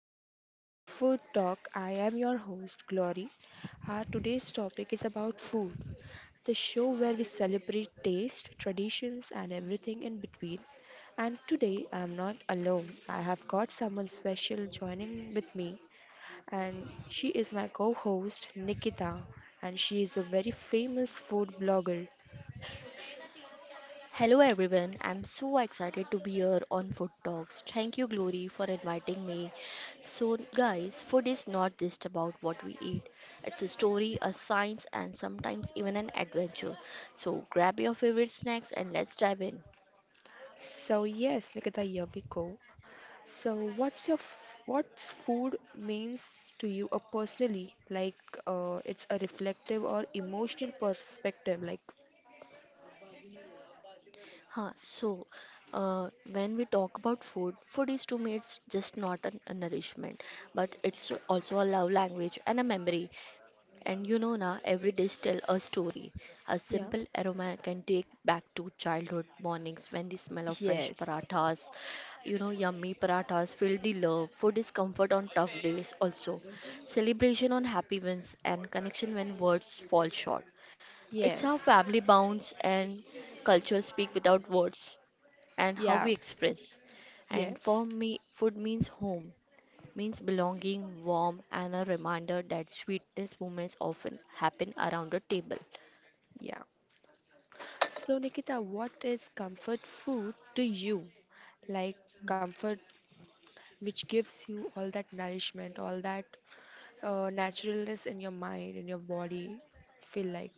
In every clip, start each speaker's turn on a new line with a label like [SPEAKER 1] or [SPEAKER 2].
[SPEAKER 1] and welcome to the Food Talk. I am your host Glory. Our today's topic is about food, the show where we celebrate taste, traditions, and everything in between. And today I'm not alone. I have got someone special joining with me, and she is my co-host Nikita, and she is a very famous food blogger.
[SPEAKER 2] Hello everyone, I'm so excited to be here on Food Talks. Thank you Glory for inviting me. So guys, food is not just about what we eat. It's a story, a science and sometimes even an adventure. So grab your favorite snacks and let's dive in.
[SPEAKER 1] So yes, Nikita, here we go. So, what's food means to you personally? Like, it's a reflective or emotional perspective. Like,
[SPEAKER 2] Huh, so when we talk about food, food is to me it's just not a nourishment, but it's also a love language and a memory. And you know, now every dish tells a story. A
[SPEAKER 1] yeah.
[SPEAKER 2] simple aroma can take back to childhood mornings when the smell of fresh
[SPEAKER 1] Yes.
[SPEAKER 2] parathas, you know, yummy parathas fill the love. Food is comfort on tough days also. Celebration on happy wins and connection when words fall short. It's how
[SPEAKER 1] Yes,
[SPEAKER 2] family bonds and culture speak without words and how
[SPEAKER 1] yeah,
[SPEAKER 2] we express. And
[SPEAKER 1] yes,
[SPEAKER 2] for me, food means home means belonging, warmth, and a reminder that sweetest moments often happen around a table.
[SPEAKER 1] yeah. So, Nikita, what is comfort food to you? Like, comfort which gives you all that nourishment, all that naturalness in your mind, in your body. Feel like,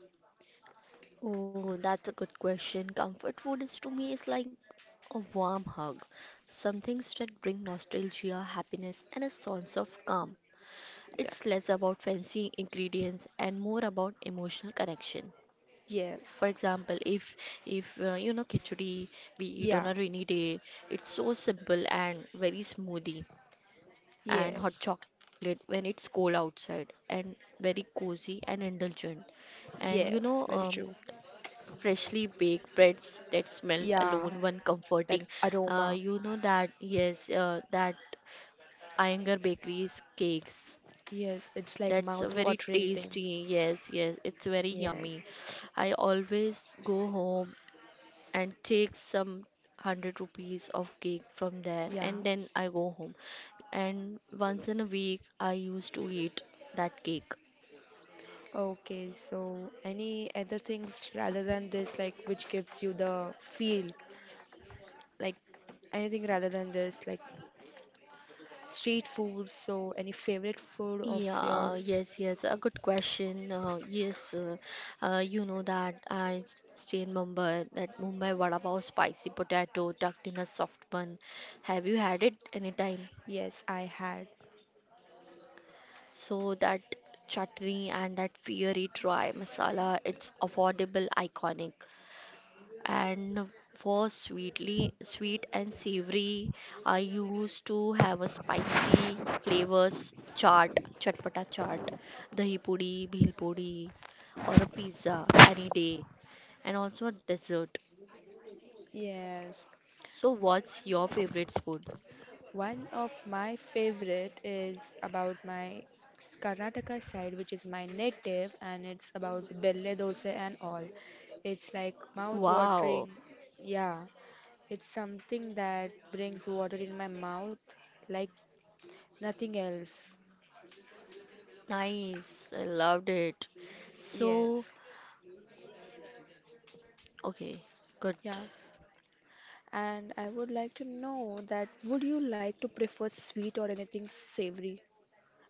[SPEAKER 2] Oh, that's a good question. Comfort food is to me is like a warm hug. Some things that bring nostalgia, happiness, and a sense of calm.
[SPEAKER 1] yeah,
[SPEAKER 2] It's less about fancy ingredients and more about emotional connection.
[SPEAKER 1] yes,
[SPEAKER 2] For example, if you know khichdi we eat
[SPEAKER 1] yeah,
[SPEAKER 2] on a rainy day, it's so simple and very smoothie.
[SPEAKER 1] yes.
[SPEAKER 2] And hot chocolate when it's cold outside and very cozy and indulgent. And you
[SPEAKER 1] Yes,
[SPEAKER 2] know,
[SPEAKER 1] very true.
[SPEAKER 2] freshly baked breads that smell
[SPEAKER 1] Yeah,
[SPEAKER 2] alone one
[SPEAKER 1] that
[SPEAKER 2] comforting.
[SPEAKER 1] aroma.
[SPEAKER 2] You know that that Iyengar Bakery's cakes.
[SPEAKER 1] Yes, it's like
[SPEAKER 2] That's very
[SPEAKER 1] mouth-watering thing.
[SPEAKER 2] tasty. Yes, yes, it's very
[SPEAKER 1] Yes.
[SPEAKER 2] yummy. I always go home and take some 100 rupees of cake from there
[SPEAKER 1] Yeah.
[SPEAKER 2] and then I go home. And once in a week I used to eat that cake.
[SPEAKER 1] Okay, so any other things rather than this, like which gives you the feel, like anything rather than this, like street food. So any favorite food of
[SPEAKER 2] Yeah, yes,
[SPEAKER 1] yours?
[SPEAKER 2] yes, a good question. Yes, you know that stay in Mumbai, that Mumbai vada pav spicy potato tucked in a soft bun. Have you had it anytime?
[SPEAKER 1] Yes, I had.
[SPEAKER 2] So that chutney and that fiery dry masala, it's affordable, iconic. And was sweetly sweet and savory. I used to have a spicy flavors chaat, chatpata chaat, dahi puri, bhel puri, or a pizza any day, and also a dessert.
[SPEAKER 1] Yes.
[SPEAKER 2] So, what's your favorite food?
[SPEAKER 1] One of my favorite is about Karnataka side, which is my native, and it's about belle dosa and all. It's like
[SPEAKER 2] Wow,
[SPEAKER 1] mouth-watering. Yeah, it's something that brings water in my mouth like nothing else.
[SPEAKER 2] nice. I loved it. So,
[SPEAKER 1] Yes.
[SPEAKER 2] okay, good.
[SPEAKER 1] Yeah. And I would like to know that would you like to prefer sweet or anything savory?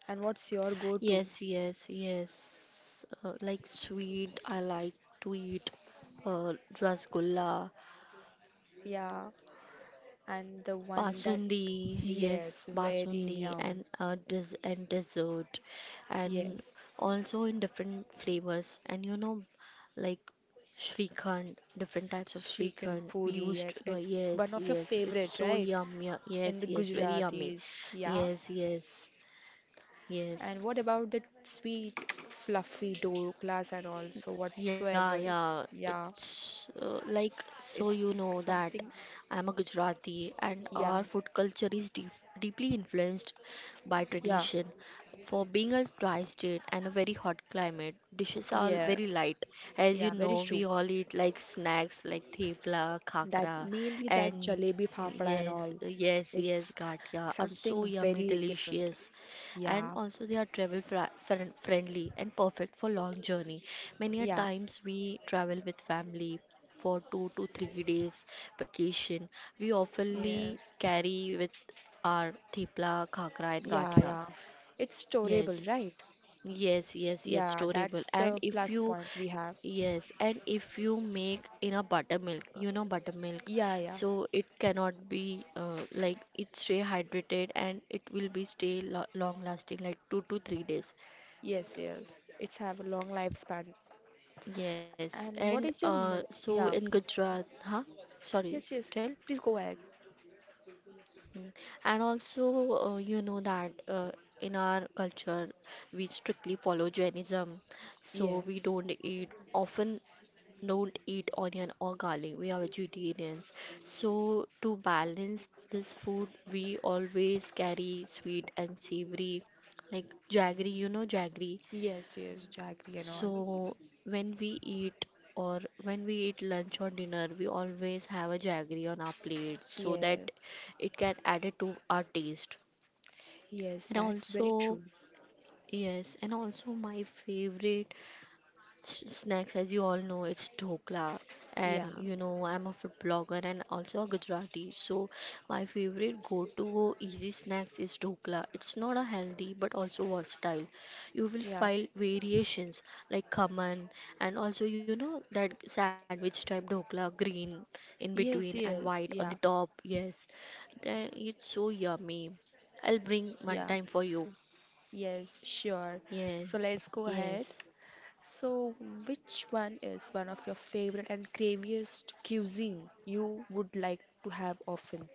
[SPEAKER 1] And what's your go-to?
[SPEAKER 2] Yes, yes, yes. Like sweet, I like to eat uh, rasgulla
[SPEAKER 1] Yeah, and the one that
[SPEAKER 2] basundi,
[SPEAKER 1] yes,
[SPEAKER 2] yes,
[SPEAKER 1] very
[SPEAKER 2] basundi
[SPEAKER 1] yum.
[SPEAKER 2] and and dessert, and
[SPEAKER 1] Yes,
[SPEAKER 2] also in different flavors. And you know, like Shrikhand, different types of
[SPEAKER 1] chicken
[SPEAKER 2] Shrikhand. We
[SPEAKER 1] puri.
[SPEAKER 2] used,
[SPEAKER 1] Yes, it's
[SPEAKER 2] yes,
[SPEAKER 1] one of your
[SPEAKER 2] yes, it's
[SPEAKER 1] favorite,
[SPEAKER 2] so
[SPEAKER 1] right?
[SPEAKER 2] yummy.
[SPEAKER 1] In the
[SPEAKER 2] Yes, yes, very yummy.
[SPEAKER 1] Gujaratis, yeah.
[SPEAKER 2] Yes, yes, yes.
[SPEAKER 1] And what about the sweet, fluffy doklas and also
[SPEAKER 2] Yeah,
[SPEAKER 1] whatsoever?
[SPEAKER 2] yeah.
[SPEAKER 1] Yeah,
[SPEAKER 2] It's like so you
[SPEAKER 1] it's
[SPEAKER 2] know that
[SPEAKER 1] something.
[SPEAKER 2] I'm a Gujarati and
[SPEAKER 1] Yeah,
[SPEAKER 2] our food culture is deep, deeply influenced by
[SPEAKER 1] yeah,
[SPEAKER 2] tradition. For being a tri-state and a very hot climate, dishes are
[SPEAKER 1] yeah,
[SPEAKER 2] very light. As you
[SPEAKER 1] yeah. Very
[SPEAKER 2] know,
[SPEAKER 1] true.
[SPEAKER 2] we all eat like snacks like thepla,
[SPEAKER 1] That
[SPEAKER 2] khakra,
[SPEAKER 1] mainly that
[SPEAKER 2] and
[SPEAKER 1] jalebi phafda and
[SPEAKER 2] yes,
[SPEAKER 1] all.
[SPEAKER 2] yes, yes,
[SPEAKER 1] It's
[SPEAKER 2] gatia are so
[SPEAKER 1] something
[SPEAKER 2] yummy,
[SPEAKER 1] very different.
[SPEAKER 2] delicious and
[SPEAKER 1] Yeah,
[SPEAKER 2] also they are travel friendly and perfect for long journey. Many a
[SPEAKER 1] yeah.
[SPEAKER 2] times we travel with family for 2 to 3 days vacation. We oftenly
[SPEAKER 1] Yes.
[SPEAKER 2] carry with our thepla, khakra and
[SPEAKER 1] Yeah,
[SPEAKER 2] gathia.
[SPEAKER 1] yeah. It's
[SPEAKER 2] Yes,
[SPEAKER 1] storable, right?
[SPEAKER 2] yes, yes, yes,
[SPEAKER 1] Yeah,
[SPEAKER 2] storable.
[SPEAKER 1] that's the
[SPEAKER 2] And if
[SPEAKER 1] plus
[SPEAKER 2] you,
[SPEAKER 1] point we have.
[SPEAKER 2] yes, and if you make in a buttermilk, you know buttermilk,
[SPEAKER 1] Yeah, yeah.
[SPEAKER 2] so it cannot be like it stay hydrated and it will be stay lo long lasting like 2 to 3 days.
[SPEAKER 1] Yes, yes. It's have a long lifespan.
[SPEAKER 2] Yes,
[SPEAKER 1] And what
[SPEAKER 2] and
[SPEAKER 1] is your mo
[SPEAKER 2] so
[SPEAKER 1] yeah.
[SPEAKER 2] in Gujarat, huh? Sorry,
[SPEAKER 1] Yes, yes.
[SPEAKER 2] tell.
[SPEAKER 1] Please go ahead.
[SPEAKER 2] Mm. And also, you know that in our culture, we strictly follow Jainism, so we
[SPEAKER 1] Yes.
[SPEAKER 2] don't eat often, don't eat onion or garlic. We are vegetarians. So, to balance this food, we always carry sweet and savory, like jaggery, you know, jaggery.
[SPEAKER 1] Yes, yes, Jaggery and all.
[SPEAKER 2] So, when we eat or when we eat lunch or dinner, we always have a jaggery on our plate so that
[SPEAKER 1] Yes.
[SPEAKER 2] it can add it to our taste.
[SPEAKER 1] Yes,
[SPEAKER 2] And
[SPEAKER 1] that's very true.
[SPEAKER 2] also, yes, and also my favorite snacks, as you all know, it's dhokla,
[SPEAKER 1] Yeah.
[SPEAKER 2] and you know I'm a food blogger and also a Gujarati. So my favorite go-to easy snacks is dhokla. It's not a healthy but also versatile. You will
[SPEAKER 1] Yeah.
[SPEAKER 2] find variations like khaman and also you know that sandwich type dhokla, green in between
[SPEAKER 1] Yes,
[SPEAKER 2] and white
[SPEAKER 1] yes.
[SPEAKER 2] on the
[SPEAKER 1] Yeah.
[SPEAKER 2] top. Yes, then it's so yummy. I'll bring one
[SPEAKER 1] Yeah.
[SPEAKER 2] time for you.
[SPEAKER 1] Yes, sure.
[SPEAKER 2] Yeah,
[SPEAKER 1] So let's go
[SPEAKER 2] yes.
[SPEAKER 1] ahead. So, which one is one of your favorite and craviest cuisine you would like to have often?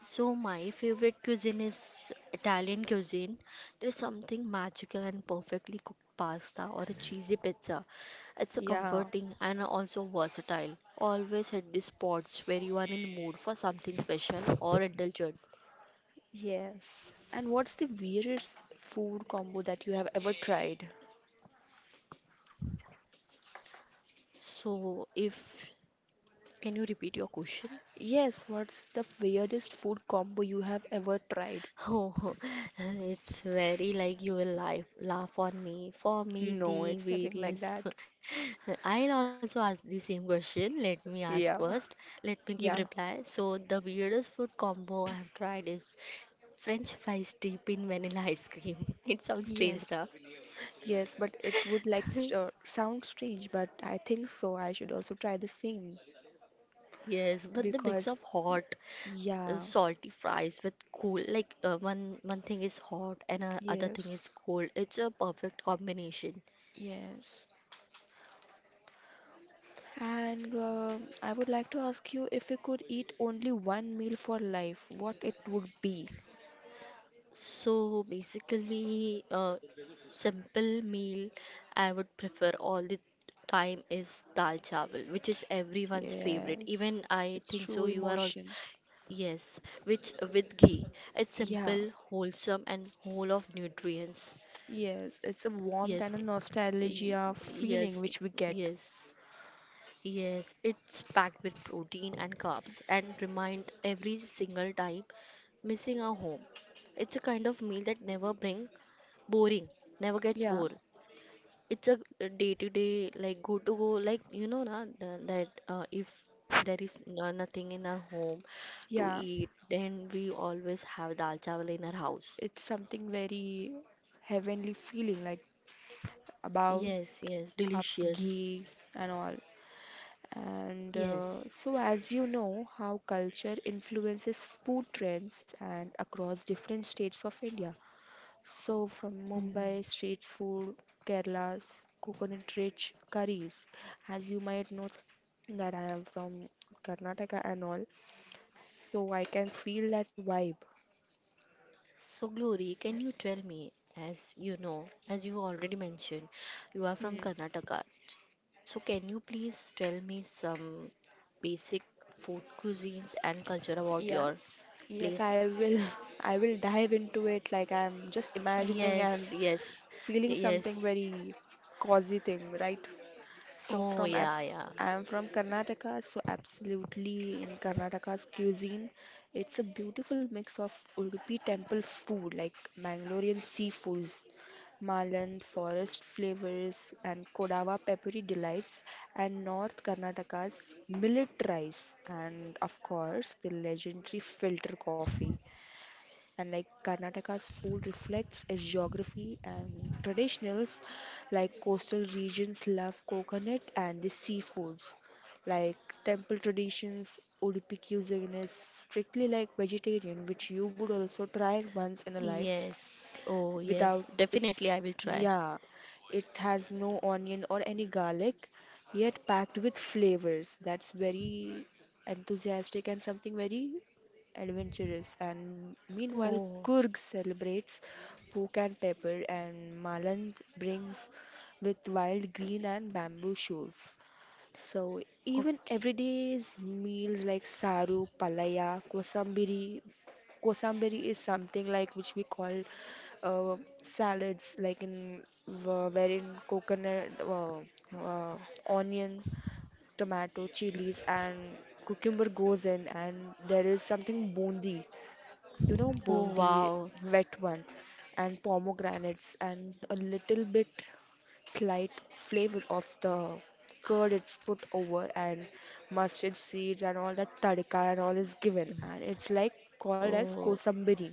[SPEAKER 2] So my favorite cuisine is Italian cuisine. There's something magical and perfectly cooked pasta or a cheesy pizza. It's a
[SPEAKER 1] Yeah.
[SPEAKER 2] comforting and also versatile. Always hit the spots where you are in the mood for something special or indulgent.
[SPEAKER 1] Yes. And what's the weirdest food combo that you have ever tried?
[SPEAKER 2] So if can you repeat your question?
[SPEAKER 1] Yes, what's the weirdest food combo you have ever tried?
[SPEAKER 2] Oh, it's very like you will laugh, laugh on me. For me,
[SPEAKER 1] No,
[SPEAKER 2] the
[SPEAKER 1] it's nothing like
[SPEAKER 2] various.
[SPEAKER 1] that.
[SPEAKER 2] I'll also ask the same question. Let me ask
[SPEAKER 1] Yeah.
[SPEAKER 2] first. Let me give
[SPEAKER 1] Yeah.
[SPEAKER 2] reply. So the weirdest food combo I've tried is French fries deep in vanilla ice cream. It sounds strange,
[SPEAKER 1] Yes,
[SPEAKER 2] huh?
[SPEAKER 1] yes, but it would like sound strange, but I think so. I should also try the same
[SPEAKER 2] Yes, but the mix of
[SPEAKER 1] because,
[SPEAKER 2] hot,
[SPEAKER 1] yeah.
[SPEAKER 2] salty fries with cool, like one thing is hot and other thing
[SPEAKER 1] Yes.
[SPEAKER 2] is cold. It's a perfect combination.
[SPEAKER 1] Yes. And I would like to ask you, if you could eat only one meal for life, what it would be?
[SPEAKER 2] So basically, simple meal I would prefer all the time is dal chawal, which is everyone's favorite.
[SPEAKER 1] Yes.
[SPEAKER 2] Even I
[SPEAKER 1] It's
[SPEAKER 2] think so.
[SPEAKER 1] true
[SPEAKER 2] You are also
[SPEAKER 1] emotion.
[SPEAKER 2] yes, which with ghee. It's
[SPEAKER 1] Yeah.
[SPEAKER 2] simple, wholesome, and whole of nutrients.
[SPEAKER 1] Yes. It's a warmth
[SPEAKER 2] Yes,
[SPEAKER 1] and a
[SPEAKER 2] y-
[SPEAKER 1] nostalgia feeling
[SPEAKER 2] yes,
[SPEAKER 1] which we get.
[SPEAKER 2] yes. Yes, it's packed with protein and carbs and remind every single time missing our home. It's a kind of meal that never bring boring, never gets
[SPEAKER 1] Yeah.
[SPEAKER 2] bored. It's a day to day like go to go like you know na that if there is no, nothing in our home to
[SPEAKER 1] Yeah.
[SPEAKER 2] eat, then we always have dal chawal in our house.
[SPEAKER 1] It's something very heavenly feeling like about
[SPEAKER 2] Yes, yes,
[SPEAKER 1] up
[SPEAKER 2] delicious.
[SPEAKER 1] ghee and all. And
[SPEAKER 2] Yes.
[SPEAKER 1] so, as you know, how culture influences food trends and across different states of India. So, from
[SPEAKER 2] Mm.
[SPEAKER 1] Mumbai street food, Kerala's coconut rich curries, as you might know that I am from Karnataka and all, so I can feel that vibe.
[SPEAKER 2] So, Glory, can you tell me, as you know, as you already mentioned, you are from
[SPEAKER 1] Hmm.
[SPEAKER 2] Karnataka. So, can you please tell me some basic food cuisines and culture about
[SPEAKER 1] Yeah.
[SPEAKER 2] your
[SPEAKER 1] Yes,
[SPEAKER 2] place?
[SPEAKER 1] I will. I will dive into it like I'm just imagining
[SPEAKER 2] Yes,
[SPEAKER 1] and
[SPEAKER 2] yes,
[SPEAKER 1] feeling something
[SPEAKER 2] yes.
[SPEAKER 1] very cozy thing, right? So
[SPEAKER 2] Oh,
[SPEAKER 1] from ab-
[SPEAKER 2] yeah, yeah.
[SPEAKER 1] I'm from Karnataka, so absolutely in Karnataka's cuisine, it's a beautiful mix of Udupi temple food like Mangalorean seafoods, Malan forest flavors, and Kodava peppery delights, and North Karnataka's millet rice, and of course the legendary filter coffee, and like Karnataka's food reflects its geography and traditionals, like coastal regions love coconut and the seafoods, like temple traditions Udupi cuisine is strictly like vegetarian, which you would also try once in a life
[SPEAKER 2] Yes, oh, yes.
[SPEAKER 1] without its,
[SPEAKER 2] Definitely, I will try.
[SPEAKER 1] yeah, it has no onion or any garlic, yet packed with flavors. That's very enthusiastic and something very adventurous. And meanwhile,
[SPEAKER 2] Oh,
[SPEAKER 1] Kurg celebrates pork and pepper, and Maland brings with wild green and bamboo shoots. So even
[SPEAKER 2] okay.
[SPEAKER 1] everyday's meals like saru, palaya, kosambiri, kosambiri is something like which we call uh, salads, like in wherein coconut, uh, onion, tomato, chilies, and cucumber goes in, and there is something bundi, you know,
[SPEAKER 2] Oh,
[SPEAKER 1] bundi,
[SPEAKER 2] wow.
[SPEAKER 1] wet one, and pomegranates, and a little bit slight flavor of the curd it's put over, and mustard seeds, and all that tadka, and all is given.
[SPEAKER 2] Mm.
[SPEAKER 1] And it's like called as
[SPEAKER 2] Oh,
[SPEAKER 1] kosambiri,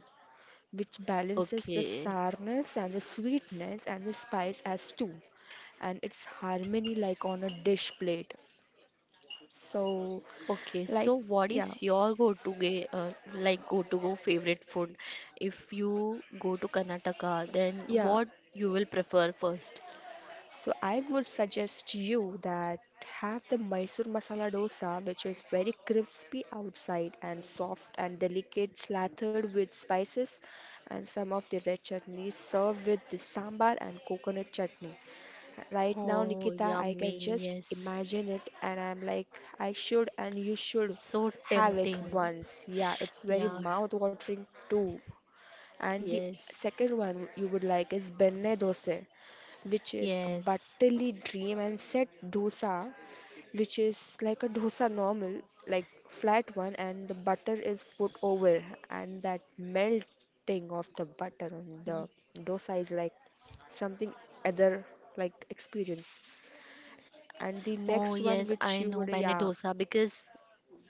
[SPEAKER 1] which balances the
[SPEAKER 2] okay.
[SPEAKER 1] sourness and the sweetness and the spice as two, and it's harmony like on a dish plate. So,
[SPEAKER 2] Okay, so
[SPEAKER 1] like,
[SPEAKER 2] what is
[SPEAKER 1] yeah,
[SPEAKER 2] your like go-to go favorite food? If you go to Karnataka, then
[SPEAKER 1] yeah.
[SPEAKER 2] what you will prefer first?
[SPEAKER 1] So I would suggest you that have the Mysore masala dosa, which is very crispy outside and soft and delicate slathered with spices and some of the red chutney served with the sambar and coconut chutney. Right now
[SPEAKER 2] Oh,
[SPEAKER 1] Nikita I can
[SPEAKER 2] yummy,
[SPEAKER 1] just
[SPEAKER 2] yes.
[SPEAKER 1] imagine it, and I'm like I should, and you should
[SPEAKER 2] So
[SPEAKER 1] have it
[SPEAKER 2] tempting.
[SPEAKER 1] once. Yeah, it's very
[SPEAKER 2] Yeah,
[SPEAKER 1] mouth watering too. And the
[SPEAKER 2] yes,
[SPEAKER 1] second one you would like is Benne Dosa, which is a
[SPEAKER 2] yes.
[SPEAKER 1] butterly dream and set dosa, which is like a dosa normal, like flat one, and the butter is put over, and that melting of the butter on the
[SPEAKER 2] Ye-
[SPEAKER 1] dosa is like something other like experience. And
[SPEAKER 2] Oh,
[SPEAKER 1] the
[SPEAKER 2] yes,
[SPEAKER 1] next
[SPEAKER 2] I
[SPEAKER 1] one
[SPEAKER 2] know
[SPEAKER 1] which
[SPEAKER 2] Benny
[SPEAKER 1] you would,
[SPEAKER 2] dosa
[SPEAKER 1] yeah,
[SPEAKER 2] because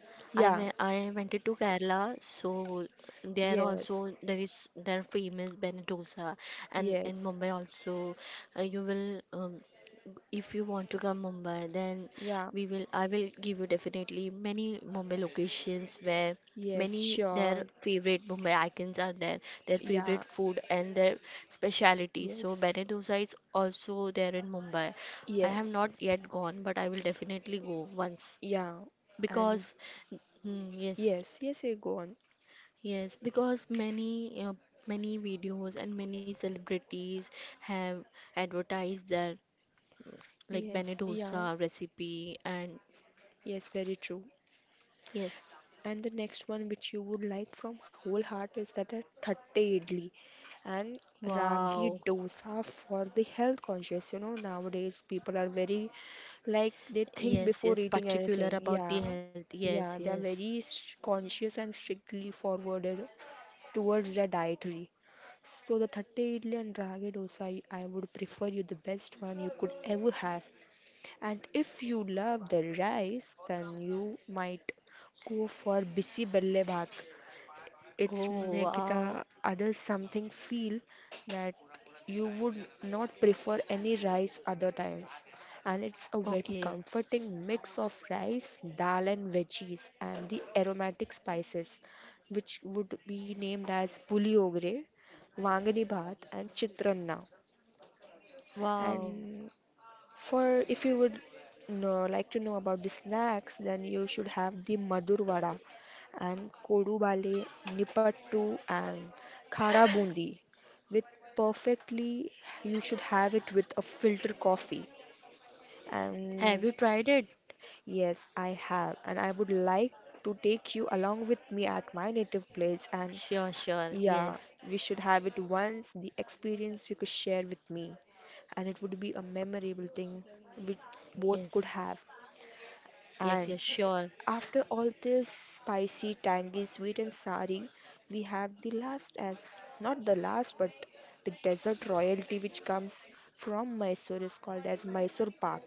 [SPEAKER 1] yeah,
[SPEAKER 2] I went to Kerala, so there
[SPEAKER 1] yes,
[SPEAKER 2] also there is their famous Benedosa, and in
[SPEAKER 1] yes,
[SPEAKER 2] Mumbai also you will if you want to come Mumbai, then
[SPEAKER 1] yeah,
[SPEAKER 2] we will I will give you definitely many Mumbai locations where
[SPEAKER 1] yes,
[SPEAKER 2] many their
[SPEAKER 1] sure,
[SPEAKER 2] favorite Mumbai icons are there, their
[SPEAKER 1] yeah,
[SPEAKER 2] favorite food and their speciality. So
[SPEAKER 1] yes.
[SPEAKER 2] Benedosa is also there in Mumbai. I have
[SPEAKER 1] Yes,
[SPEAKER 2] not yet gone, but I will definitely go once
[SPEAKER 1] yeah, and
[SPEAKER 2] because mm, yes,
[SPEAKER 1] yes, yes, yeah, go on.
[SPEAKER 2] yes, because many videos and many celebrities have advertised their like Bene
[SPEAKER 1] Yes, yeah,
[SPEAKER 2] dosa recipe and
[SPEAKER 1] yes, very true.
[SPEAKER 2] yes,
[SPEAKER 1] And the next one which you would like from whole heart is that a thatte idli and ragi
[SPEAKER 2] wow,
[SPEAKER 1] dosa for the health conscious. You know, nowadays people are very like they think
[SPEAKER 2] yes, yes,
[SPEAKER 1] before eating
[SPEAKER 2] particular
[SPEAKER 1] anything.
[SPEAKER 2] about the
[SPEAKER 1] Yeah,
[SPEAKER 2] health, yes,
[SPEAKER 1] yeah, they are
[SPEAKER 2] yes,
[SPEAKER 1] very conscious and strictly forwarded towards their dietary. So the thatte idli and ragi dosa, I would prefer you the best one you could ever have. And if you love the rice, then you might go for bisi belle bhat. It's
[SPEAKER 2] oh,
[SPEAKER 1] make the
[SPEAKER 2] wow,
[SPEAKER 1] other something feel that you would not prefer any rice other times. And it's a very
[SPEAKER 2] okay,
[SPEAKER 1] comforting mix of rice, dal and veggies and the aromatic spices, which would be named as puli ogre, vangani bhat and chitranna.
[SPEAKER 2] wow,
[SPEAKER 1] And for if you would know, like to know about the snacks, then you should have the Madur Vada and Kodu Bale, Nipattu and Khara Bundi. With perfectly, you should have it with a filter coffee.
[SPEAKER 2] have
[SPEAKER 1] And
[SPEAKER 2] you tried it,
[SPEAKER 1] yes, I have, and I would like to take you along with me at my native place, and
[SPEAKER 2] sure, sure,
[SPEAKER 1] yeah,
[SPEAKER 2] yes,
[SPEAKER 1] we should have it once, the experience you could share with me, and it would be a memorable thing we
[SPEAKER 2] yes,
[SPEAKER 1] both could have.
[SPEAKER 2] yes, yes, sure.
[SPEAKER 1] And after all this spicy, tangy, sweet, and sari, we have the last as not the last, but the desert royalty which comes from Mysore is called as Mysore Pak,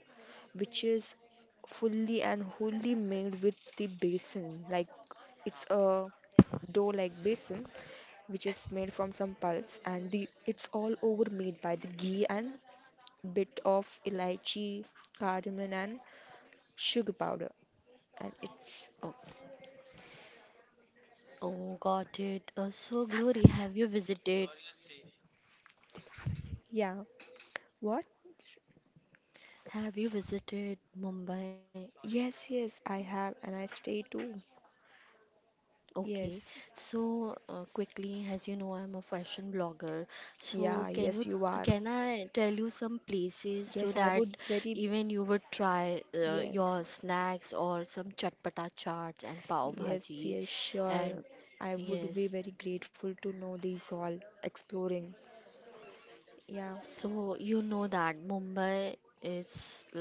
[SPEAKER 1] which is fully and wholly made with the basin. Like it's a dough like basin which is made from some pulse and the it's all over made by the ghee and bit of elaichi cardamom and sugar powder, and it's
[SPEAKER 2] Oh, oh, got it. So, Glory,
[SPEAKER 1] Yeah. What?
[SPEAKER 2] have you visited Mumbai?
[SPEAKER 1] Yes, yes, I have, and I stay too.
[SPEAKER 2] Okay,
[SPEAKER 1] Yes.
[SPEAKER 2] so quickly, as you know, I'm a fashion blogger. So
[SPEAKER 1] Yeah, yes, you are.
[SPEAKER 2] can I tell you some places so
[SPEAKER 1] Yes, I
[SPEAKER 2] that
[SPEAKER 1] would very
[SPEAKER 2] even you would try
[SPEAKER 1] yes,
[SPEAKER 2] your snacks or some chatpata chaats and pav
[SPEAKER 1] yes,
[SPEAKER 2] bhaji,
[SPEAKER 1] yes, sure.
[SPEAKER 2] and
[SPEAKER 1] I would be
[SPEAKER 2] yes,
[SPEAKER 1] very grateful to know these all. Exploring. Yeah,
[SPEAKER 2] so you know that Mumbai is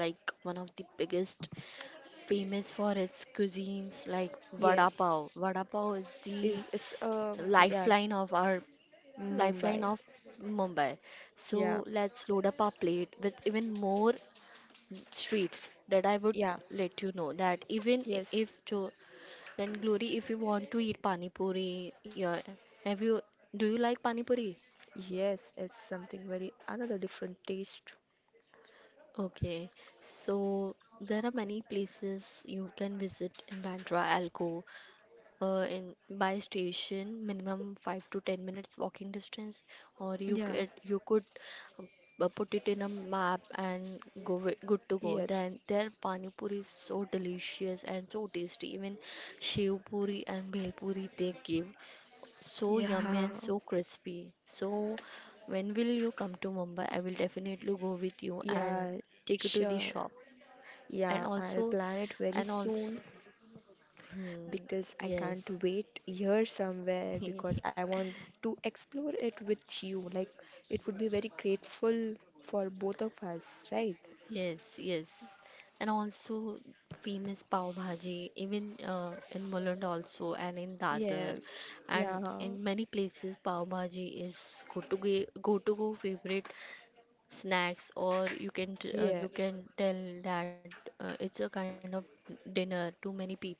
[SPEAKER 2] like one of the biggest famous for its cuisines like vada pav.
[SPEAKER 1] yes,
[SPEAKER 2] Vada pav is the
[SPEAKER 1] is it's yeah
[SPEAKER 2] lifeline of our
[SPEAKER 1] Mumbai.
[SPEAKER 2] lifeline of Mumbai. So
[SPEAKER 1] Yeah,
[SPEAKER 2] let's load up our plate with even more streets that I would
[SPEAKER 1] yeah,
[SPEAKER 2] let you know that even
[SPEAKER 1] yes,
[SPEAKER 2] if to then Glory, if you want to eat pani puri, yeah, have you do you like pani puri?
[SPEAKER 1] yes, it's something very another different taste,
[SPEAKER 2] Okay, so there are many places you can visit in Bandra, Alcove, in by station minimum 5 to 10 minutes walking distance or
[SPEAKER 1] yeah.
[SPEAKER 2] you could um, put it in a map and good to go,
[SPEAKER 1] Yes,
[SPEAKER 2] then their pani puri is so delicious and so tasty, even shiv puri and bhel puri they give so yummy
[SPEAKER 1] yeah.
[SPEAKER 2] and so crispy. So when will you come to Mumbai? I will definitely go with you and
[SPEAKER 1] Yeah,
[SPEAKER 2] take you to the
[SPEAKER 1] sure.
[SPEAKER 2] shop. And
[SPEAKER 1] Yeah, I'll
[SPEAKER 2] also,
[SPEAKER 1] plan it very
[SPEAKER 2] and also,
[SPEAKER 1] soon
[SPEAKER 2] hmm,
[SPEAKER 1] because I can't
[SPEAKER 2] yes.
[SPEAKER 1] wait here somewhere because I want to explore it with you. Like, it would be very grateful for both of us, right?
[SPEAKER 2] Yes, yes. And also famous pav bhaji, even in Mulund also and in Dadar
[SPEAKER 1] Yes.
[SPEAKER 2] and
[SPEAKER 1] Yeah.
[SPEAKER 2] in many places pav bhaji is go to go favorite snacks or you
[SPEAKER 1] Yes.
[SPEAKER 2] can tell that it's a kind of dinner to many people.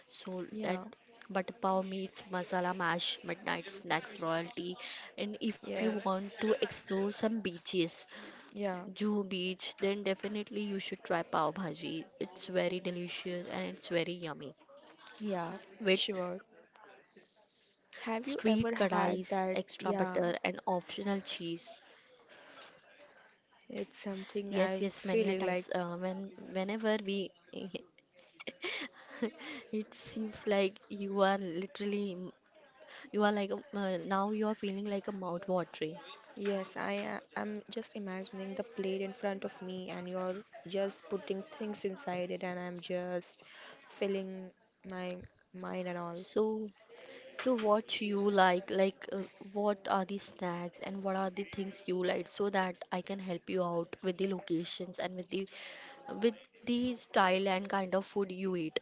[SPEAKER 2] So that
[SPEAKER 1] Yeah.
[SPEAKER 2] butter pav meets masala mash midnight snacks royalty, and if you
[SPEAKER 1] Yes.
[SPEAKER 2] want to explore some beaches
[SPEAKER 1] Yeah.
[SPEAKER 2] Juhu Beach, then definitely you should try pav bhaji. It's very delicious and it's very yummy.
[SPEAKER 1] Yeah.
[SPEAKER 2] With
[SPEAKER 1] Sure.
[SPEAKER 2] street kadais, extra
[SPEAKER 1] Have you
[SPEAKER 2] butter,
[SPEAKER 1] ever
[SPEAKER 2] and
[SPEAKER 1] had that?
[SPEAKER 2] optional
[SPEAKER 1] Yeah.
[SPEAKER 2] cheese. Yes, yes,
[SPEAKER 1] It's
[SPEAKER 2] many a times
[SPEAKER 1] something I'm
[SPEAKER 2] when
[SPEAKER 1] feeling like
[SPEAKER 2] whenever we it seems like you are literally you are like a- now you are feeling like a mouth watering.
[SPEAKER 1] Yes, I am just imagining the plate in front of me, and you're just putting things inside it, and I'm just filling my mind and all.
[SPEAKER 2] So So what you like, what are the snacks and what are the things you like so that I can help you out with the locations and with the style and kind of food you eat.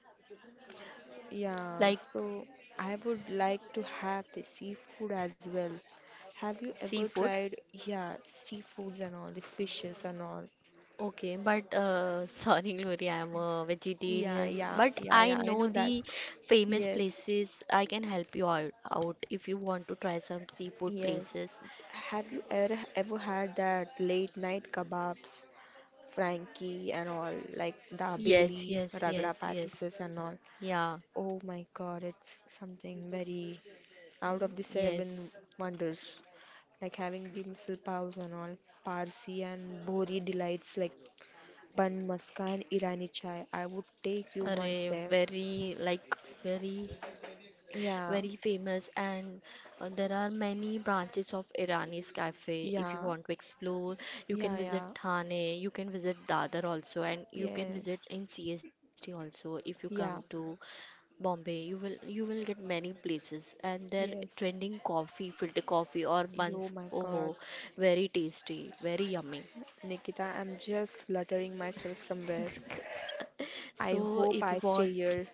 [SPEAKER 1] Yeah,
[SPEAKER 2] Like
[SPEAKER 1] so I would like to have the seafood as well. Have you ever
[SPEAKER 2] seafood.
[SPEAKER 1] tried, yeah, seafoods and all, the fishes and all?
[SPEAKER 2] Okay, but sorry Glory, I'm a
[SPEAKER 1] Yeah,
[SPEAKER 2] vegetarian,
[SPEAKER 1] yeah,
[SPEAKER 2] but
[SPEAKER 1] yeah,
[SPEAKER 2] I
[SPEAKER 1] yeah, I
[SPEAKER 2] know
[SPEAKER 1] know that.
[SPEAKER 2] the famous
[SPEAKER 1] Yes,
[SPEAKER 2] places. I can help you out if you want to try some seafood
[SPEAKER 1] yes.
[SPEAKER 2] places.
[SPEAKER 1] Have you ever ever had that late night kebabs? Frankie and all, like the
[SPEAKER 2] Yes,
[SPEAKER 1] Bailey,
[SPEAKER 2] yes,
[SPEAKER 1] Ragda
[SPEAKER 2] yes, yes.
[SPEAKER 1] Pattises and all.
[SPEAKER 2] Yeah,
[SPEAKER 1] Oh my god, it's something very out of the seven
[SPEAKER 2] yes.
[SPEAKER 1] wonders. Like having the missile paws and all, Parsi and Bhori delights like Ban Maska and Irani chai. I would take you once
[SPEAKER 2] Array,
[SPEAKER 1] there.
[SPEAKER 2] very like very
[SPEAKER 1] Yeah,
[SPEAKER 2] very famous and there are many branches of Irani's cafe. If you
[SPEAKER 1] yeah,
[SPEAKER 2] want to explore, you
[SPEAKER 1] yeah,
[SPEAKER 2] can visit
[SPEAKER 1] yeah,
[SPEAKER 2] Thane, you can visit Dadar also, and you can visit
[SPEAKER 1] yes,
[SPEAKER 2] in CST also. If you come
[SPEAKER 1] yeah,
[SPEAKER 2] to Bombay, you will get many places and their
[SPEAKER 1] yes.
[SPEAKER 2] trending coffee, filter coffee or
[SPEAKER 1] Oh
[SPEAKER 2] buns.
[SPEAKER 1] my
[SPEAKER 2] Oh,
[SPEAKER 1] god,
[SPEAKER 2] ho, very tasty, very yummy.
[SPEAKER 1] Nikita, I'm just fluttering myself somewhere. I
[SPEAKER 2] So
[SPEAKER 1] hope
[SPEAKER 2] if you
[SPEAKER 1] I stay
[SPEAKER 2] want,
[SPEAKER 1] here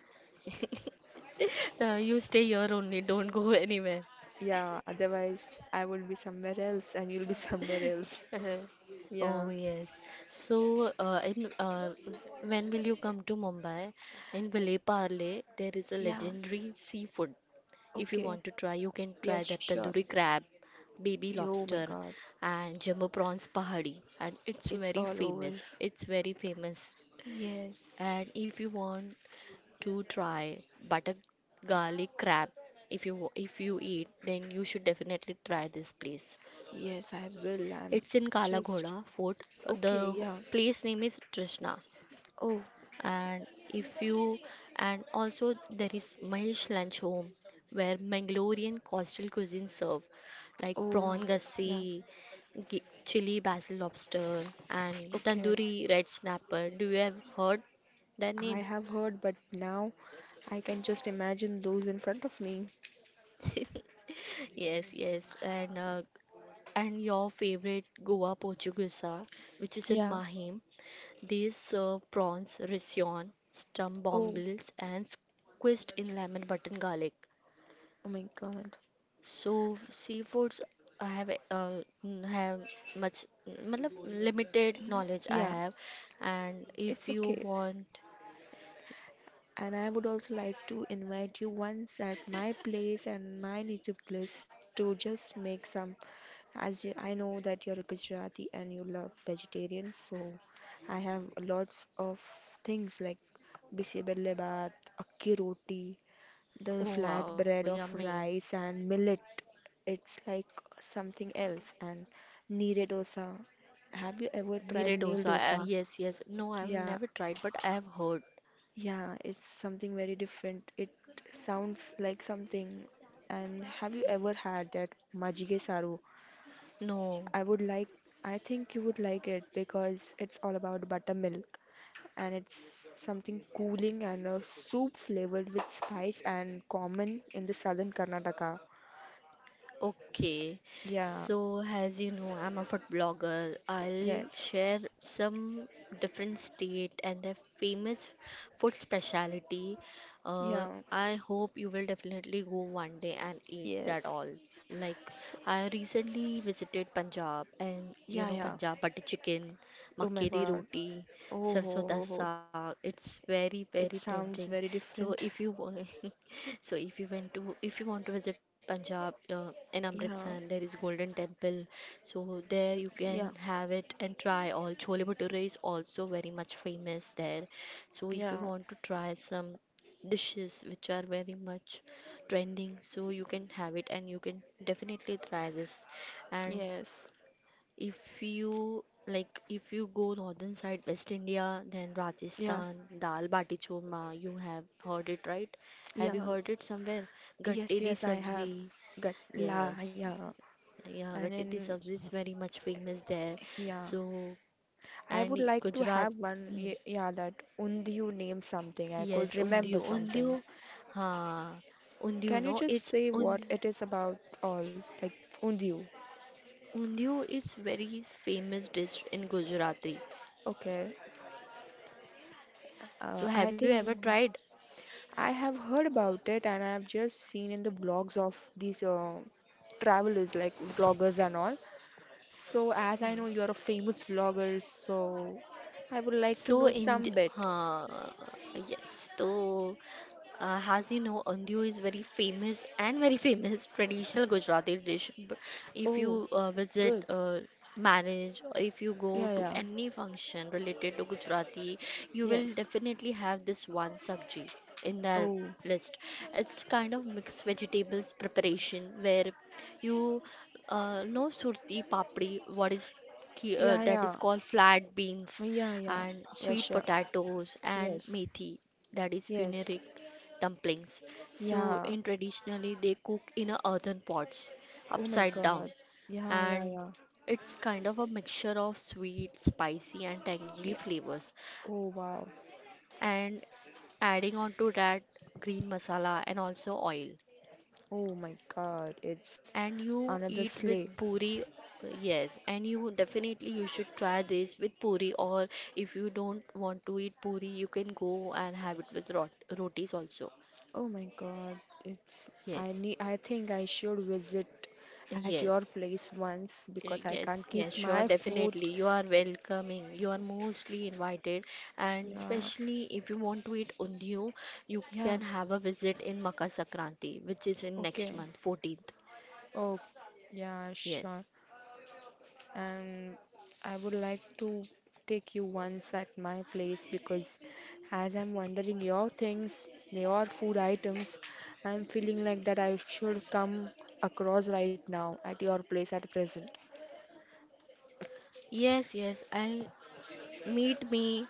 [SPEAKER 2] you stay here only, don't go anywhere.
[SPEAKER 1] Yeah, otherwise I will be somewhere else and you'll be somewhere else.
[SPEAKER 2] Uh-huh. Oh
[SPEAKER 1] Yeah.
[SPEAKER 2] yes. So in when will you come to Mumbai? In Vile Parle, there is a
[SPEAKER 1] Yeah,
[SPEAKER 2] legendary seafood. If you
[SPEAKER 1] okay.
[SPEAKER 2] want to try, you can try
[SPEAKER 1] Yes,
[SPEAKER 2] that
[SPEAKER 1] sure.
[SPEAKER 2] tandoori crab, baby
[SPEAKER 1] Oh my
[SPEAKER 2] lobster,
[SPEAKER 1] God,
[SPEAKER 2] and jumbo prawns pahadi, and it's
[SPEAKER 1] it's
[SPEAKER 2] very
[SPEAKER 1] all over.
[SPEAKER 2] famous. It's very famous.
[SPEAKER 1] Yes.
[SPEAKER 2] And if you want to try butter garlic crab, if you eat, then you should definitely try this place.
[SPEAKER 1] Yes, I will. I'm
[SPEAKER 2] It's in
[SPEAKER 1] just
[SPEAKER 2] Kala Fort.
[SPEAKER 1] okay.
[SPEAKER 2] The
[SPEAKER 1] Yeah.
[SPEAKER 2] place name is Trishna.
[SPEAKER 1] Oh,
[SPEAKER 2] And if you and also there is Mahesh Lunch Home where Mangalorean coastal cuisine serve like
[SPEAKER 1] oh,
[SPEAKER 2] prawn
[SPEAKER 1] yeah.
[SPEAKER 2] gassi, chili basil lobster and
[SPEAKER 1] Okay.
[SPEAKER 2] tandoori red snapper. Do you have heard their
[SPEAKER 1] I
[SPEAKER 2] name?
[SPEAKER 1] have heard, but now I can just imagine those in front of me.
[SPEAKER 2] Yes, yes. And your favorite Goa Portuguesa which is in
[SPEAKER 1] Yeah.
[SPEAKER 2] Mahim. These serve prawns, rision, stump
[SPEAKER 1] Oh,
[SPEAKER 2] bombills, and squished in lemon button garlic.
[SPEAKER 1] Oh my God.
[SPEAKER 2] So seafoods, I have have much, matlab, limited knowledge I
[SPEAKER 1] Yeah,
[SPEAKER 2] have. And if
[SPEAKER 1] it's
[SPEAKER 2] you
[SPEAKER 1] okay.
[SPEAKER 2] want,
[SPEAKER 1] And I would also like to invite you once at my place and my native place to just make some. As you, I know that you're a Gujarati and you love vegetarian, so I have lots of things like bisi belle baat, akki roti, the
[SPEAKER 2] oh wow,
[SPEAKER 1] flat bread of
[SPEAKER 2] yummy,
[SPEAKER 1] rice and millet. It's like something else. And neere dosa. Have you ever
[SPEAKER 2] neere
[SPEAKER 1] tried neil
[SPEAKER 2] dosa.
[SPEAKER 1] dosa?
[SPEAKER 2] Yes, yes. No, I've
[SPEAKER 1] Yeah,
[SPEAKER 2] never tried, but I have heard.
[SPEAKER 1] yeah, it's something very different. It sounds like something. And have you ever had that Majige Saru?
[SPEAKER 2] No.
[SPEAKER 1] I would like, I think you would like it because it's all about buttermilk, and it's something cooling and a soup flavored with spice and common in the southern Karnataka.
[SPEAKER 2] Okay,
[SPEAKER 1] Yeah,
[SPEAKER 2] so as you know, I'm a food blogger. I'll
[SPEAKER 1] yes,
[SPEAKER 2] share some different state and their famous food specialty. Uh,
[SPEAKER 1] yeah,
[SPEAKER 2] I hope you will definitely go one day and eat that
[SPEAKER 1] yes.
[SPEAKER 2] all. Like,
[SPEAKER 1] So,
[SPEAKER 2] I recently visited Punjab, and you
[SPEAKER 1] yeah,
[SPEAKER 2] know,
[SPEAKER 1] yeah.
[SPEAKER 2] Punjab butter chicken,
[SPEAKER 1] Oh
[SPEAKER 2] makke
[SPEAKER 1] my
[SPEAKER 2] di
[SPEAKER 1] God.
[SPEAKER 2] roti,
[SPEAKER 1] Oh,
[SPEAKER 2] sarson
[SPEAKER 1] ho,
[SPEAKER 2] da
[SPEAKER 1] ho, ho.
[SPEAKER 2] saag. It's very
[SPEAKER 1] It
[SPEAKER 2] tempting.
[SPEAKER 1] sounds very
[SPEAKER 2] So
[SPEAKER 1] different.
[SPEAKER 2] if you wa- so if you want to visit Punjab in
[SPEAKER 1] Yeah,
[SPEAKER 2] Amritsar, there is Golden Temple. So there you
[SPEAKER 1] yeah,
[SPEAKER 2] can have it and try all. Chole bhature is also very much famous there. So if you
[SPEAKER 1] yeah.
[SPEAKER 2] want to try some dishes which are very much trending so you can have it and you can definitely try this. And
[SPEAKER 1] Yes.
[SPEAKER 2] if you like, if you go northern side, West India, then
[SPEAKER 1] Yeah.
[SPEAKER 2] Rajasthan, dal bati churma, you have heard it, right?
[SPEAKER 1] Yeah.
[SPEAKER 2] Have you heard it somewhere? Gatte
[SPEAKER 1] Yes,
[SPEAKER 2] di
[SPEAKER 1] yes, I have
[SPEAKER 2] sabzi,
[SPEAKER 1] got la
[SPEAKER 2] yes,
[SPEAKER 1] yeah.
[SPEAKER 2] yeah,
[SPEAKER 1] And
[SPEAKER 2] gatte di
[SPEAKER 1] then
[SPEAKER 2] sabzi is very much famous there.
[SPEAKER 1] yeah.
[SPEAKER 2] So,
[SPEAKER 1] I would
[SPEAKER 2] and
[SPEAKER 1] like to
[SPEAKER 2] Gujarat,
[SPEAKER 1] have one
[SPEAKER 2] hmm,
[SPEAKER 1] yeah, that only you name something. I
[SPEAKER 2] yes,
[SPEAKER 1] could remember something.
[SPEAKER 2] ha, undiyo,
[SPEAKER 1] Can you
[SPEAKER 2] no,
[SPEAKER 1] just
[SPEAKER 2] it's
[SPEAKER 1] say
[SPEAKER 2] und,
[SPEAKER 1] what it is about, all like, Undiu?
[SPEAKER 2] undiyo is very famous dish in Gujarati.
[SPEAKER 1] Okay.
[SPEAKER 2] So,
[SPEAKER 1] I
[SPEAKER 2] have you ever
[SPEAKER 1] think
[SPEAKER 2] tried?
[SPEAKER 1] I have heard about it, and I've just seen in the blogs of these travelers like vloggers and all. So, as I know you are a famous vlogger, so I would like to
[SPEAKER 2] So
[SPEAKER 1] know
[SPEAKER 2] in the,
[SPEAKER 1] some bit.
[SPEAKER 2] uh, yes, so, as you know, ondiyo is very famous and very famous traditional Gujarati dish. B- If
[SPEAKER 1] Oh,
[SPEAKER 2] you uh, visit
[SPEAKER 1] good.
[SPEAKER 2] uh, marriage or if you go
[SPEAKER 1] Yeah,
[SPEAKER 2] to
[SPEAKER 1] yeah.
[SPEAKER 2] any function related to Gujarati, you will
[SPEAKER 1] Yes.
[SPEAKER 2] definitely have this one sabji in their
[SPEAKER 1] Oh,
[SPEAKER 2] list. It's kind of mixed vegetables preparation where you know surti papdi, what is
[SPEAKER 1] yeah,
[SPEAKER 2] that is
[SPEAKER 1] yeah.
[SPEAKER 2] called flat beans
[SPEAKER 1] Yeah, yeah.
[SPEAKER 2] and
[SPEAKER 1] Yeah,
[SPEAKER 2] sweet
[SPEAKER 1] sure.
[SPEAKER 2] potatoes and
[SPEAKER 1] Yes.
[SPEAKER 2] methi, that is
[SPEAKER 1] Yes.
[SPEAKER 2] fenugreek dumplings. So
[SPEAKER 1] Yeah.
[SPEAKER 2] in traditionally they cook in a earthen pots
[SPEAKER 1] Oh my
[SPEAKER 2] upside
[SPEAKER 1] God.
[SPEAKER 2] down
[SPEAKER 1] Yeah, yeah,
[SPEAKER 2] and
[SPEAKER 1] yeah.
[SPEAKER 2] it's kind of a mixture of sweet, spicy and tangy
[SPEAKER 1] Yeah.
[SPEAKER 2] flavors
[SPEAKER 1] Oh, wow.
[SPEAKER 2] and adding on to that green masala and also oil.
[SPEAKER 1] Oh my God, it's
[SPEAKER 2] And you
[SPEAKER 1] another
[SPEAKER 2] eat with
[SPEAKER 1] sleigh.
[SPEAKER 2] puri. Yes, and you definitely you should try this with puri or if you don't want to eat puri you can go and have it with rotis also.
[SPEAKER 1] Oh my God, it's, I
[SPEAKER 2] Yes.
[SPEAKER 1] need, I think I should visit at your
[SPEAKER 2] Yes.
[SPEAKER 1] place once, because I can't
[SPEAKER 2] Yes,
[SPEAKER 1] keep
[SPEAKER 2] yes, sure,
[SPEAKER 1] my food.
[SPEAKER 2] definitely. You are welcoming. You are mostly invited, and
[SPEAKER 1] Yeah.
[SPEAKER 2] especially if you want to eat undiyu, you
[SPEAKER 1] Yeah.
[SPEAKER 2] can have a visit in Makar Sankranti, which is in next
[SPEAKER 1] Okay.
[SPEAKER 2] month, 14th.
[SPEAKER 1] Oh, yeah, sure.
[SPEAKER 2] Yes,
[SPEAKER 1] And I would like to take you once at my place, because as I'm wondering your things, your food items, I'm feeling like that I should come across right now at your place at present.
[SPEAKER 2] yes, yes. I meet me,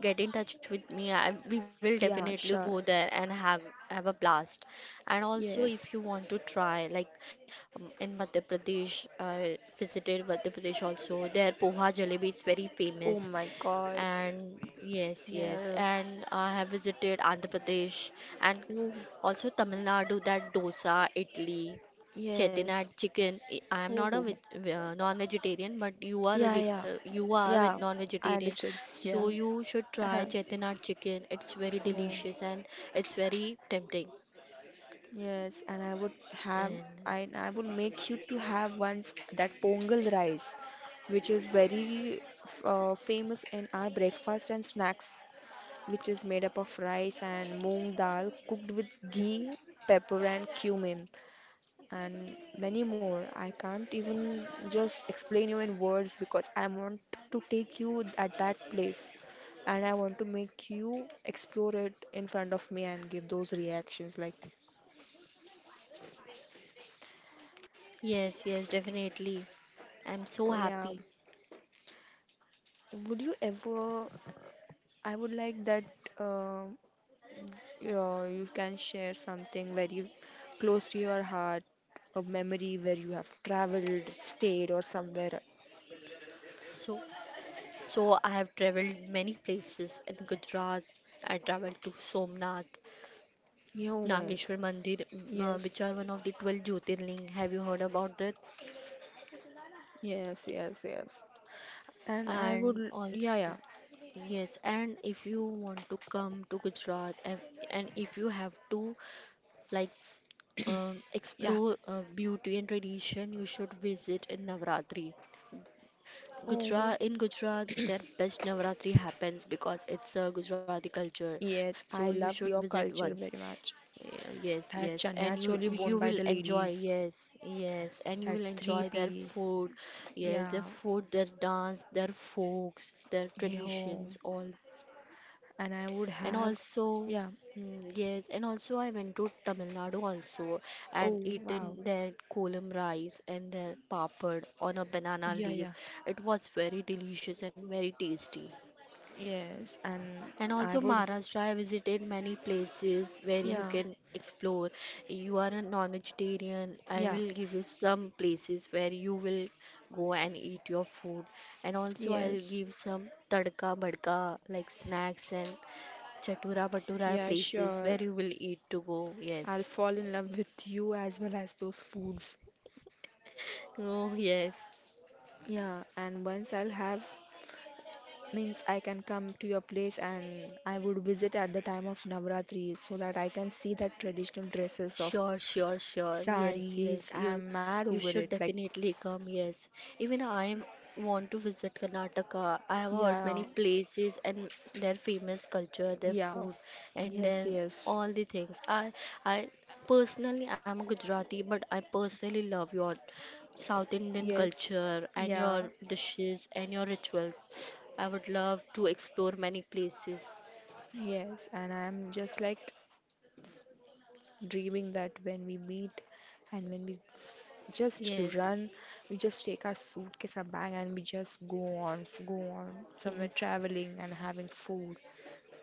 [SPEAKER 2] get in touch with me. I, we will definitely
[SPEAKER 1] Yeah,
[SPEAKER 2] go
[SPEAKER 1] sure.
[SPEAKER 2] there and have a blast. And also, if you
[SPEAKER 1] Yes.
[SPEAKER 2] want to try, like in Madhya Pradesh, I visited Madhya Pradesh also. Their poha jalebi is very
[SPEAKER 1] Oh
[SPEAKER 2] famous.
[SPEAKER 1] my God.
[SPEAKER 2] And yes, yes.
[SPEAKER 1] Yes.
[SPEAKER 2] And I have visited Andhra Pradesh and
[SPEAKER 1] Oh,
[SPEAKER 2] also Tamil Nadu, that dosa, Italy,
[SPEAKER 1] yes.
[SPEAKER 2] chettinad chicken. I am
[SPEAKER 1] Oh,
[SPEAKER 2] not
[SPEAKER 1] oh
[SPEAKER 2] a
[SPEAKER 1] my—
[SPEAKER 2] veg non-vegetarian, but you are
[SPEAKER 1] Yeah,
[SPEAKER 2] veget
[SPEAKER 1] yeah.
[SPEAKER 2] you are a
[SPEAKER 1] Yeah. I
[SPEAKER 2] non-vegetarian,
[SPEAKER 1] understood.
[SPEAKER 2] so
[SPEAKER 1] Yeah.
[SPEAKER 2] you should try
[SPEAKER 1] Uh-huh.
[SPEAKER 2] chettinad chicken. It's very
[SPEAKER 1] Oh,
[SPEAKER 2] delicious and it's very tempting.
[SPEAKER 1] yes. And I would have,
[SPEAKER 2] And
[SPEAKER 1] I would make you to have once that pongal rice, which is very famous in our breakfast and snacks, which is made up of rice and moong dal cooked with ghee, pepper, and cumin, and many more. I can't even just explain you in words, because I want to take you at that place, and I want to make you explore it in front of me and give those reactions like,
[SPEAKER 2] yes, yes, definitely. I'm
[SPEAKER 1] oh
[SPEAKER 2] so
[SPEAKER 1] yeah,
[SPEAKER 2] happy.
[SPEAKER 1] would you ever? I would like that uh, you can share something very close to your heart, a memory where you have traveled, stayed, or somewhere.
[SPEAKER 2] So. So I have traveled many places in Gujarat. I traveled to Somnath,
[SPEAKER 1] Yeah, oh my,
[SPEAKER 2] Nageshwar Mandir, which
[SPEAKER 1] yes,
[SPEAKER 2] are one of the 12 Jyotirling. Have you heard about that?
[SPEAKER 1] yes, yes, yes. And I
[SPEAKER 2] And
[SPEAKER 1] would, yeah, yeah,
[SPEAKER 2] also, yes, and if you want to come to Gujarat and if you have to like
[SPEAKER 1] yeah.
[SPEAKER 2] explore beauty and tradition, you should visit in Navratri.
[SPEAKER 1] Oh,
[SPEAKER 2] Gujarat in Gujarat, their best Navratri happens because it's a Gujarati culture.
[SPEAKER 1] yes,
[SPEAKER 2] So you
[SPEAKER 1] I
[SPEAKER 2] should
[SPEAKER 1] love your
[SPEAKER 2] visit once.
[SPEAKER 1] culture very much.
[SPEAKER 2] Yeah, yes, yes,
[SPEAKER 1] That
[SPEAKER 2] and
[SPEAKER 1] chania
[SPEAKER 2] you
[SPEAKER 1] choli
[SPEAKER 2] you
[SPEAKER 1] worn by
[SPEAKER 2] will
[SPEAKER 1] the
[SPEAKER 2] enjoy.
[SPEAKER 1] ladies,
[SPEAKER 2] Yes, yes, and you
[SPEAKER 1] that
[SPEAKER 2] will
[SPEAKER 1] three
[SPEAKER 2] enjoy their
[SPEAKER 1] piece,
[SPEAKER 2] food. Yes, their
[SPEAKER 1] yeah,
[SPEAKER 2] food, their dance, their folks, their
[SPEAKER 1] yeah. Oh.
[SPEAKER 2] traditions, all.
[SPEAKER 1] And I would
[SPEAKER 2] And
[SPEAKER 1] have,
[SPEAKER 2] also,
[SPEAKER 1] yeah.
[SPEAKER 2] mm, yes, and also I went to Tamil Nadu also and
[SPEAKER 1] Oh, wow.
[SPEAKER 2] eaten their kolam rice and their papad on a banana
[SPEAKER 1] Yeah, yeah,
[SPEAKER 2] leaf. It was very delicious and very tasty.
[SPEAKER 1] yes. And
[SPEAKER 2] And
[SPEAKER 1] I
[SPEAKER 2] also
[SPEAKER 1] would,
[SPEAKER 2] Maharashtra, I visited many places where you
[SPEAKER 1] yeah,
[SPEAKER 2] can explore. You are a non-vegetarian. I
[SPEAKER 1] yeah,
[SPEAKER 2] will give you some places where you will go and eat your food. And also I'll
[SPEAKER 1] yes,
[SPEAKER 2] give some tadka badka like snacks and chatura batura
[SPEAKER 1] yeah,
[SPEAKER 2] places
[SPEAKER 1] sure.
[SPEAKER 2] where you will eat to go.
[SPEAKER 1] I'll
[SPEAKER 2] Yes.
[SPEAKER 1] fall in love with you as well as those foods.
[SPEAKER 2] Oh yes.
[SPEAKER 1] Yeah, and once I'll have, means I can come to your place, and I would visit at the time of Navratri so that I can see the traditional dresses
[SPEAKER 2] Sure,
[SPEAKER 1] of
[SPEAKER 2] sure, sure. Yes, yes.
[SPEAKER 1] saris. I
[SPEAKER 2] You
[SPEAKER 1] am mad
[SPEAKER 2] you
[SPEAKER 1] over
[SPEAKER 2] should
[SPEAKER 1] it. Like,
[SPEAKER 2] definitely come. Yes. Even I want to visit Karnataka. I have heard
[SPEAKER 1] yeah,
[SPEAKER 2] many places and their famous culture, their
[SPEAKER 1] yeah,
[SPEAKER 2] food, and
[SPEAKER 1] yes,
[SPEAKER 2] then
[SPEAKER 1] yes,
[SPEAKER 2] all the things. I personally I'm a Gujarati, but I personally love your South Indian
[SPEAKER 1] yes,
[SPEAKER 2] culture and
[SPEAKER 1] yeah,
[SPEAKER 2] your dishes and your rituals. I would love to explore many places.
[SPEAKER 1] yes. And I'm just like dreaming that when we meet and when we just
[SPEAKER 2] Yes.
[SPEAKER 1] run, we just take our suitcase and bag and we just go on, go on somewhere
[SPEAKER 2] Yes.
[SPEAKER 1] traveling and having food,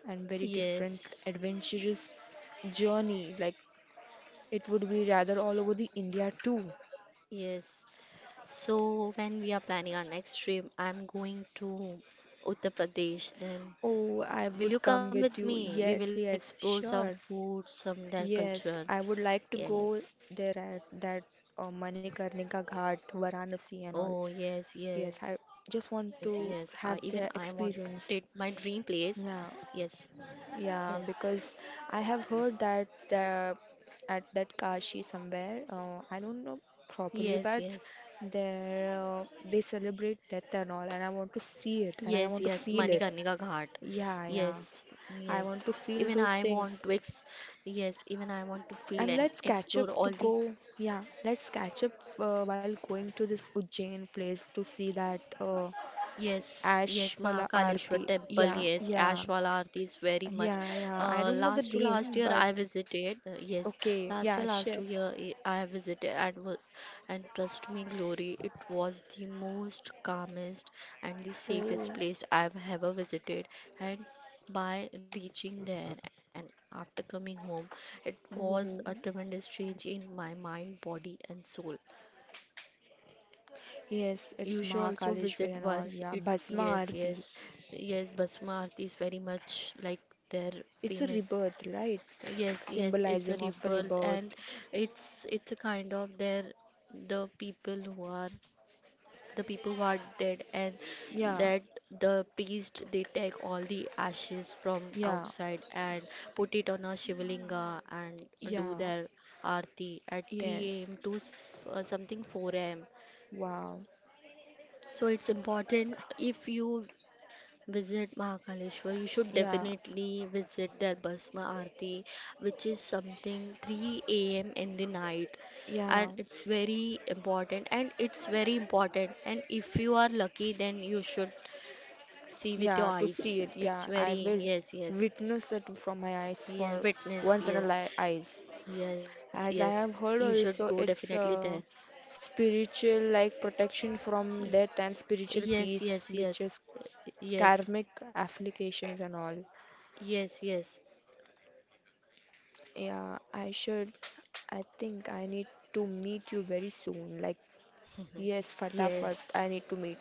[SPEAKER 1] and very different
[SPEAKER 2] Yes.
[SPEAKER 1] adventurous journey. Like, it would be rather all over the India too.
[SPEAKER 2] Yes. So when we are planning our next trip, I'm going to Uttar Pradesh. Then
[SPEAKER 1] Oh, I
[SPEAKER 2] will you
[SPEAKER 1] would
[SPEAKER 2] come
[SPEAKER 1] come
[SPEAKER 2] with
[SPEAKER 1] with you.
[SPEAKER 2] me? We will
[SPEAKER 1] Yes,
[SPEAKER 2] explore
[SPEAKER 1] yes,
[SPEAKER 2] some
[SPEAKER 1] sure.
[SPEAKER 2] food, some their culture.
[SPEAKER 1] Yes, I would like to
[SPEAKER 2] Yes.
[SPEAKER 1] go there at that Manikarnika Ghat, Varanasi, and all.
[SPEAKER 2] Oh yes, yes,
[SPEAKER 1] Yes, I
[SPEAKER 2] yes. I
[SPEAKER 1] just
[SPEAKER 2] even
[SPEAKER 1] want
[SPEAKER 2] I want
[SPEAKER 1] to have
[SPEAKER 2] it
[SPEAKER 1] the
[SPEAKER 2] my dream
[SPEAKER 1] experience.
[SPEAKER 2] place. Yes,
[SPEAKER 1] Yeah,
[SPEAKER 2] yes,
[SPEAKER 1] yeah, because I have heard that the, at that Kashi somewhere, I don't know
[SPEAKER 2] yes,
[SPEAKER 1] properly,
[SPEAKER 2] yes,
[SPEAKER 1] but there they celebrate death and all, and I want to see it
[SPEAKER 2] yes,
[SPEAKER 1] and I
[SPEAKER 2] yes.
[SPEAKER 1] want to feel
[SPEAKER 2] Manikarnika
[SPEAKER 1] it.
[SPEAKER 2] Ghat.
[SPEAKER 1] Yeah,
[SPEAKER 2] Yes,
[SPEAKER 1] yeah,
[SPEAKER 2] yes.
[SPEAKER 1] I want to
[SPEAKER 2] Even
[SPEAKER 1] feel
[SPEAKER 2] I
[SPEAKER 1] those
[SPEAKER 2] want to
[SPEAKER 1] things.
[SPEAKER 2] ex. Yes, even I want to feel
[SPEAKER 1] And
[SPEAKER 2] and
[SPEAKER 1] let's catch
[SPEAKER 2] explore
[SPEAKER 1] up
[SPEAKER 2] all
[SPEAKER 1] to
[SPEAKER 2] the.
[SPEAKER 1] go. Yeah, let's catch up while going to this Ujjain place to see that
[SPEAKER 2] Yes, yes,
[SPEAKER 1] Ashwala
[SPEAKER 2] Mahakaleshwar
[SPEAKER 1] Aarti.
[SPEAKER 2] temple,
[SPEAKER 1] Yeah,
[SPEAKER 2] yes,
[SPEAKER 1] yeah.
[SPEAKER 2] Ashwala Aarti is very much.
[SPEAKER 1] Yeah, yeah. I don't know the
[SPEAKER 2] Last to last
[SPEAKER 1] name,
[SPEAKER 2] year
[SPEAKER 1] but
[SPEAKER 2] I visited, yes,
[SPEAKER 1] okay,
[SPEAKER 2] last
[SPEAKER 1] yeah,
[SPEAKER 2] year, last
[SPEAKER 1] sure.
[SPEAKER 2] 2 year I visited and trust me, Glory, it was the most calmest and the
[SPEAKER 1] Oh,
[SPEAKER 2] safest place I've ever visited. And by reaching there and after coming home, it was a
[SPEAKER 1] oh,
[SPEAKER 2] tremendous change in my mind, body, and soul.
[SPEAKER 1] yes, it's
[SPEAKER 2] You should also visit
[SPEAKER 1] Mahakaleshwar and all,
[SPEAKER 2] once
[SPEAKER 1] yeah.
[SPEAKER 2] it.
[SPEAKER 1] Bhasma
[SPEAKER 2] Yes,
[SPEAKER 1] Aarti.
[SPEAKER 2] yes, yes, Basma Aarti is very much like they're
[SPEAKER 1] It's a
[SPEAKER 2] famous.
[SPEAKER 1] rebirth, right?
[SPEAKER 2] Yes, yes, it's a
[SPEAKER 1] Symbolizing of a
[SPEAKER 2] rebirth and
[SPEAKER 1] rebirth.
[SPEAKER 2] it's a kind of their the people who are the people who are dead and
[SPEAKER 1] Yeah,
[SPEAKER 2] that the priest they take all the ashes from
[SPEAKER 1] yeah,
[SPEAKER 2] outside and put it on a shivalinga and do
[SPEAKER 1] yeah,
[SPEAKER 2] their aarti at 3
[SPEAKER 1] yes.
[SPEAKER 2] a.m. to something 4 a.m.
[SPEAKER 1] Wow.
[SPEAKER 2] So it's important if you visit Mahakaleshwar, you should
[SPEAKER 1] Yeah,
[SPEAKER 2] definitely visit their Bhasma Aarti, which is something 3 a.m. in the night.
[SPEAKER 1] yeah,
[SPEAKER 2] And it's very important, and it's very important. And if you are lucky, then you should see with
[SPEAKER 1] yeah,
[SPEAKER 2] your
[SPEAKER 1] to
[SPEAKER 2] eyes.
[SPEAKER 1] see it.
[SPEAKER 2] It's
[SPEAKER 1] Yeah, I
[SPEAKER 2] very,
[SPEAKER 1] will
[SPEAKER 2] yes, yes,
[SPEAKER 1] witness it from my eyes
[SPEAKER 2] yeah,
[SPEAKER 1] for
[SPEAKER 2] witness,
[SPEAKER 1] once in a
[SPEAKER 2] yes,
[SPEAKER 1] life eyes.
[SPEAKER 2] yes, yes.
[SPEAKER 1] As I
[SPEAKER 2] You
[SPEAKER 1] have heard
[SPEAKER 2] should go
[SPEAKER 1] also,
[SPEAKER 2] definitely
[SPEAKER 1] it's
[SPEAKER 2] there.
[SPEAKER 1] spiritual, like protection from death and
[SPEAKER 2] Yes,
[SPEAKER 1] spiritual
[SPEAKER 2] yes,
[SPEAKER 1] peace,
[SPEAKER 2] yes,
[SPEAKER 1] which is
[SPEAKER 2] yes,
[SPEAKER 1] karmic applications and all.
[SPEAKER 2] yes, yes,
[SPEAKER 1] Yeah, I should. I think I need to meet you very soon. Like, yes, fatafat,
[SPEAKER 2] yes,
[SPEAKER 1] I need to meet,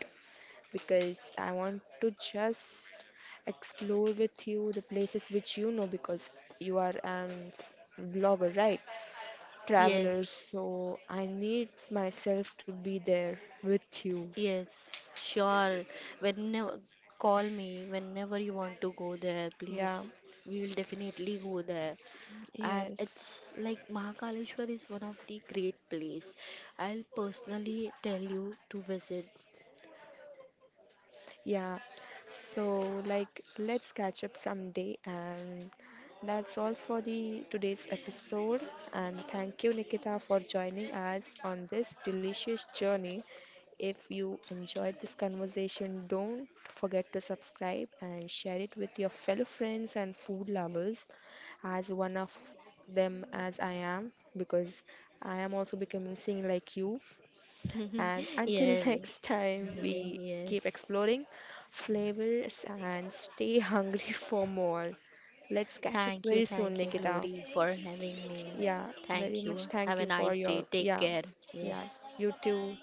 [SPEAKER 1] because I want to just explore with you the places which you know, because you are an vlogger, right? Travelers,
[SPEAKER 2] yes.
[SPEAKER 1] so I need myself to be there with you.
[SPEAKER 2] Yes, sure. Whenever call me whenever you want to go there,
[SPEAKER 1] Yeah,
[SPEAKER 2] please. We will definitely go there. And
[SPEAKER 1] yes.
[SPEAKER 2] it's like Mahakaleshwar is one of the great place. I'll personally tell you to visit.
[SPEAKER 1] Yeah, so like let's catch up someday, and that's all for the today's episode, and thank you Nikita for joining us on this delicious journey. If you enjoyed this conversation, don't forget to subscribe and share it with your fellow friends and food lovers, as one of them as I am, because I am also becoming sing like you, and until
[SPEAKER 2] Yes.
[SPEAKER 1] next time,
[SPEAKER 2] Ye-
[SPEAKER 1] we keep
[SPEAKER 2] Yes.
[SPEAKER 1] exploring flavors and stay hungry for more. Let's catch up very soon,
[SPEAKER 2] Thank you,
[SPEAKER 1] Nikita.
[SPEAKER 2] Glory, for having me.
[SPEAKER 1] Yeah, very
[SPEAKER 2] Thank
[SPEAKER 1] much
[SPEAKER 2] you.
[SPEAKER 1] thank
[SPEAKER 2] Have a
[SPEAKER 1] you for
[SPEAKER 2] nice
[SPEAKER 1] your.
[SPEAKER 2] day. Take
[SPEAKER 1] Yeah,
[SPEAKER 2] care.
[SPEAKER 1] yeah,
[SPEAKER 2] Yes.
[SPEAKER 1] you too.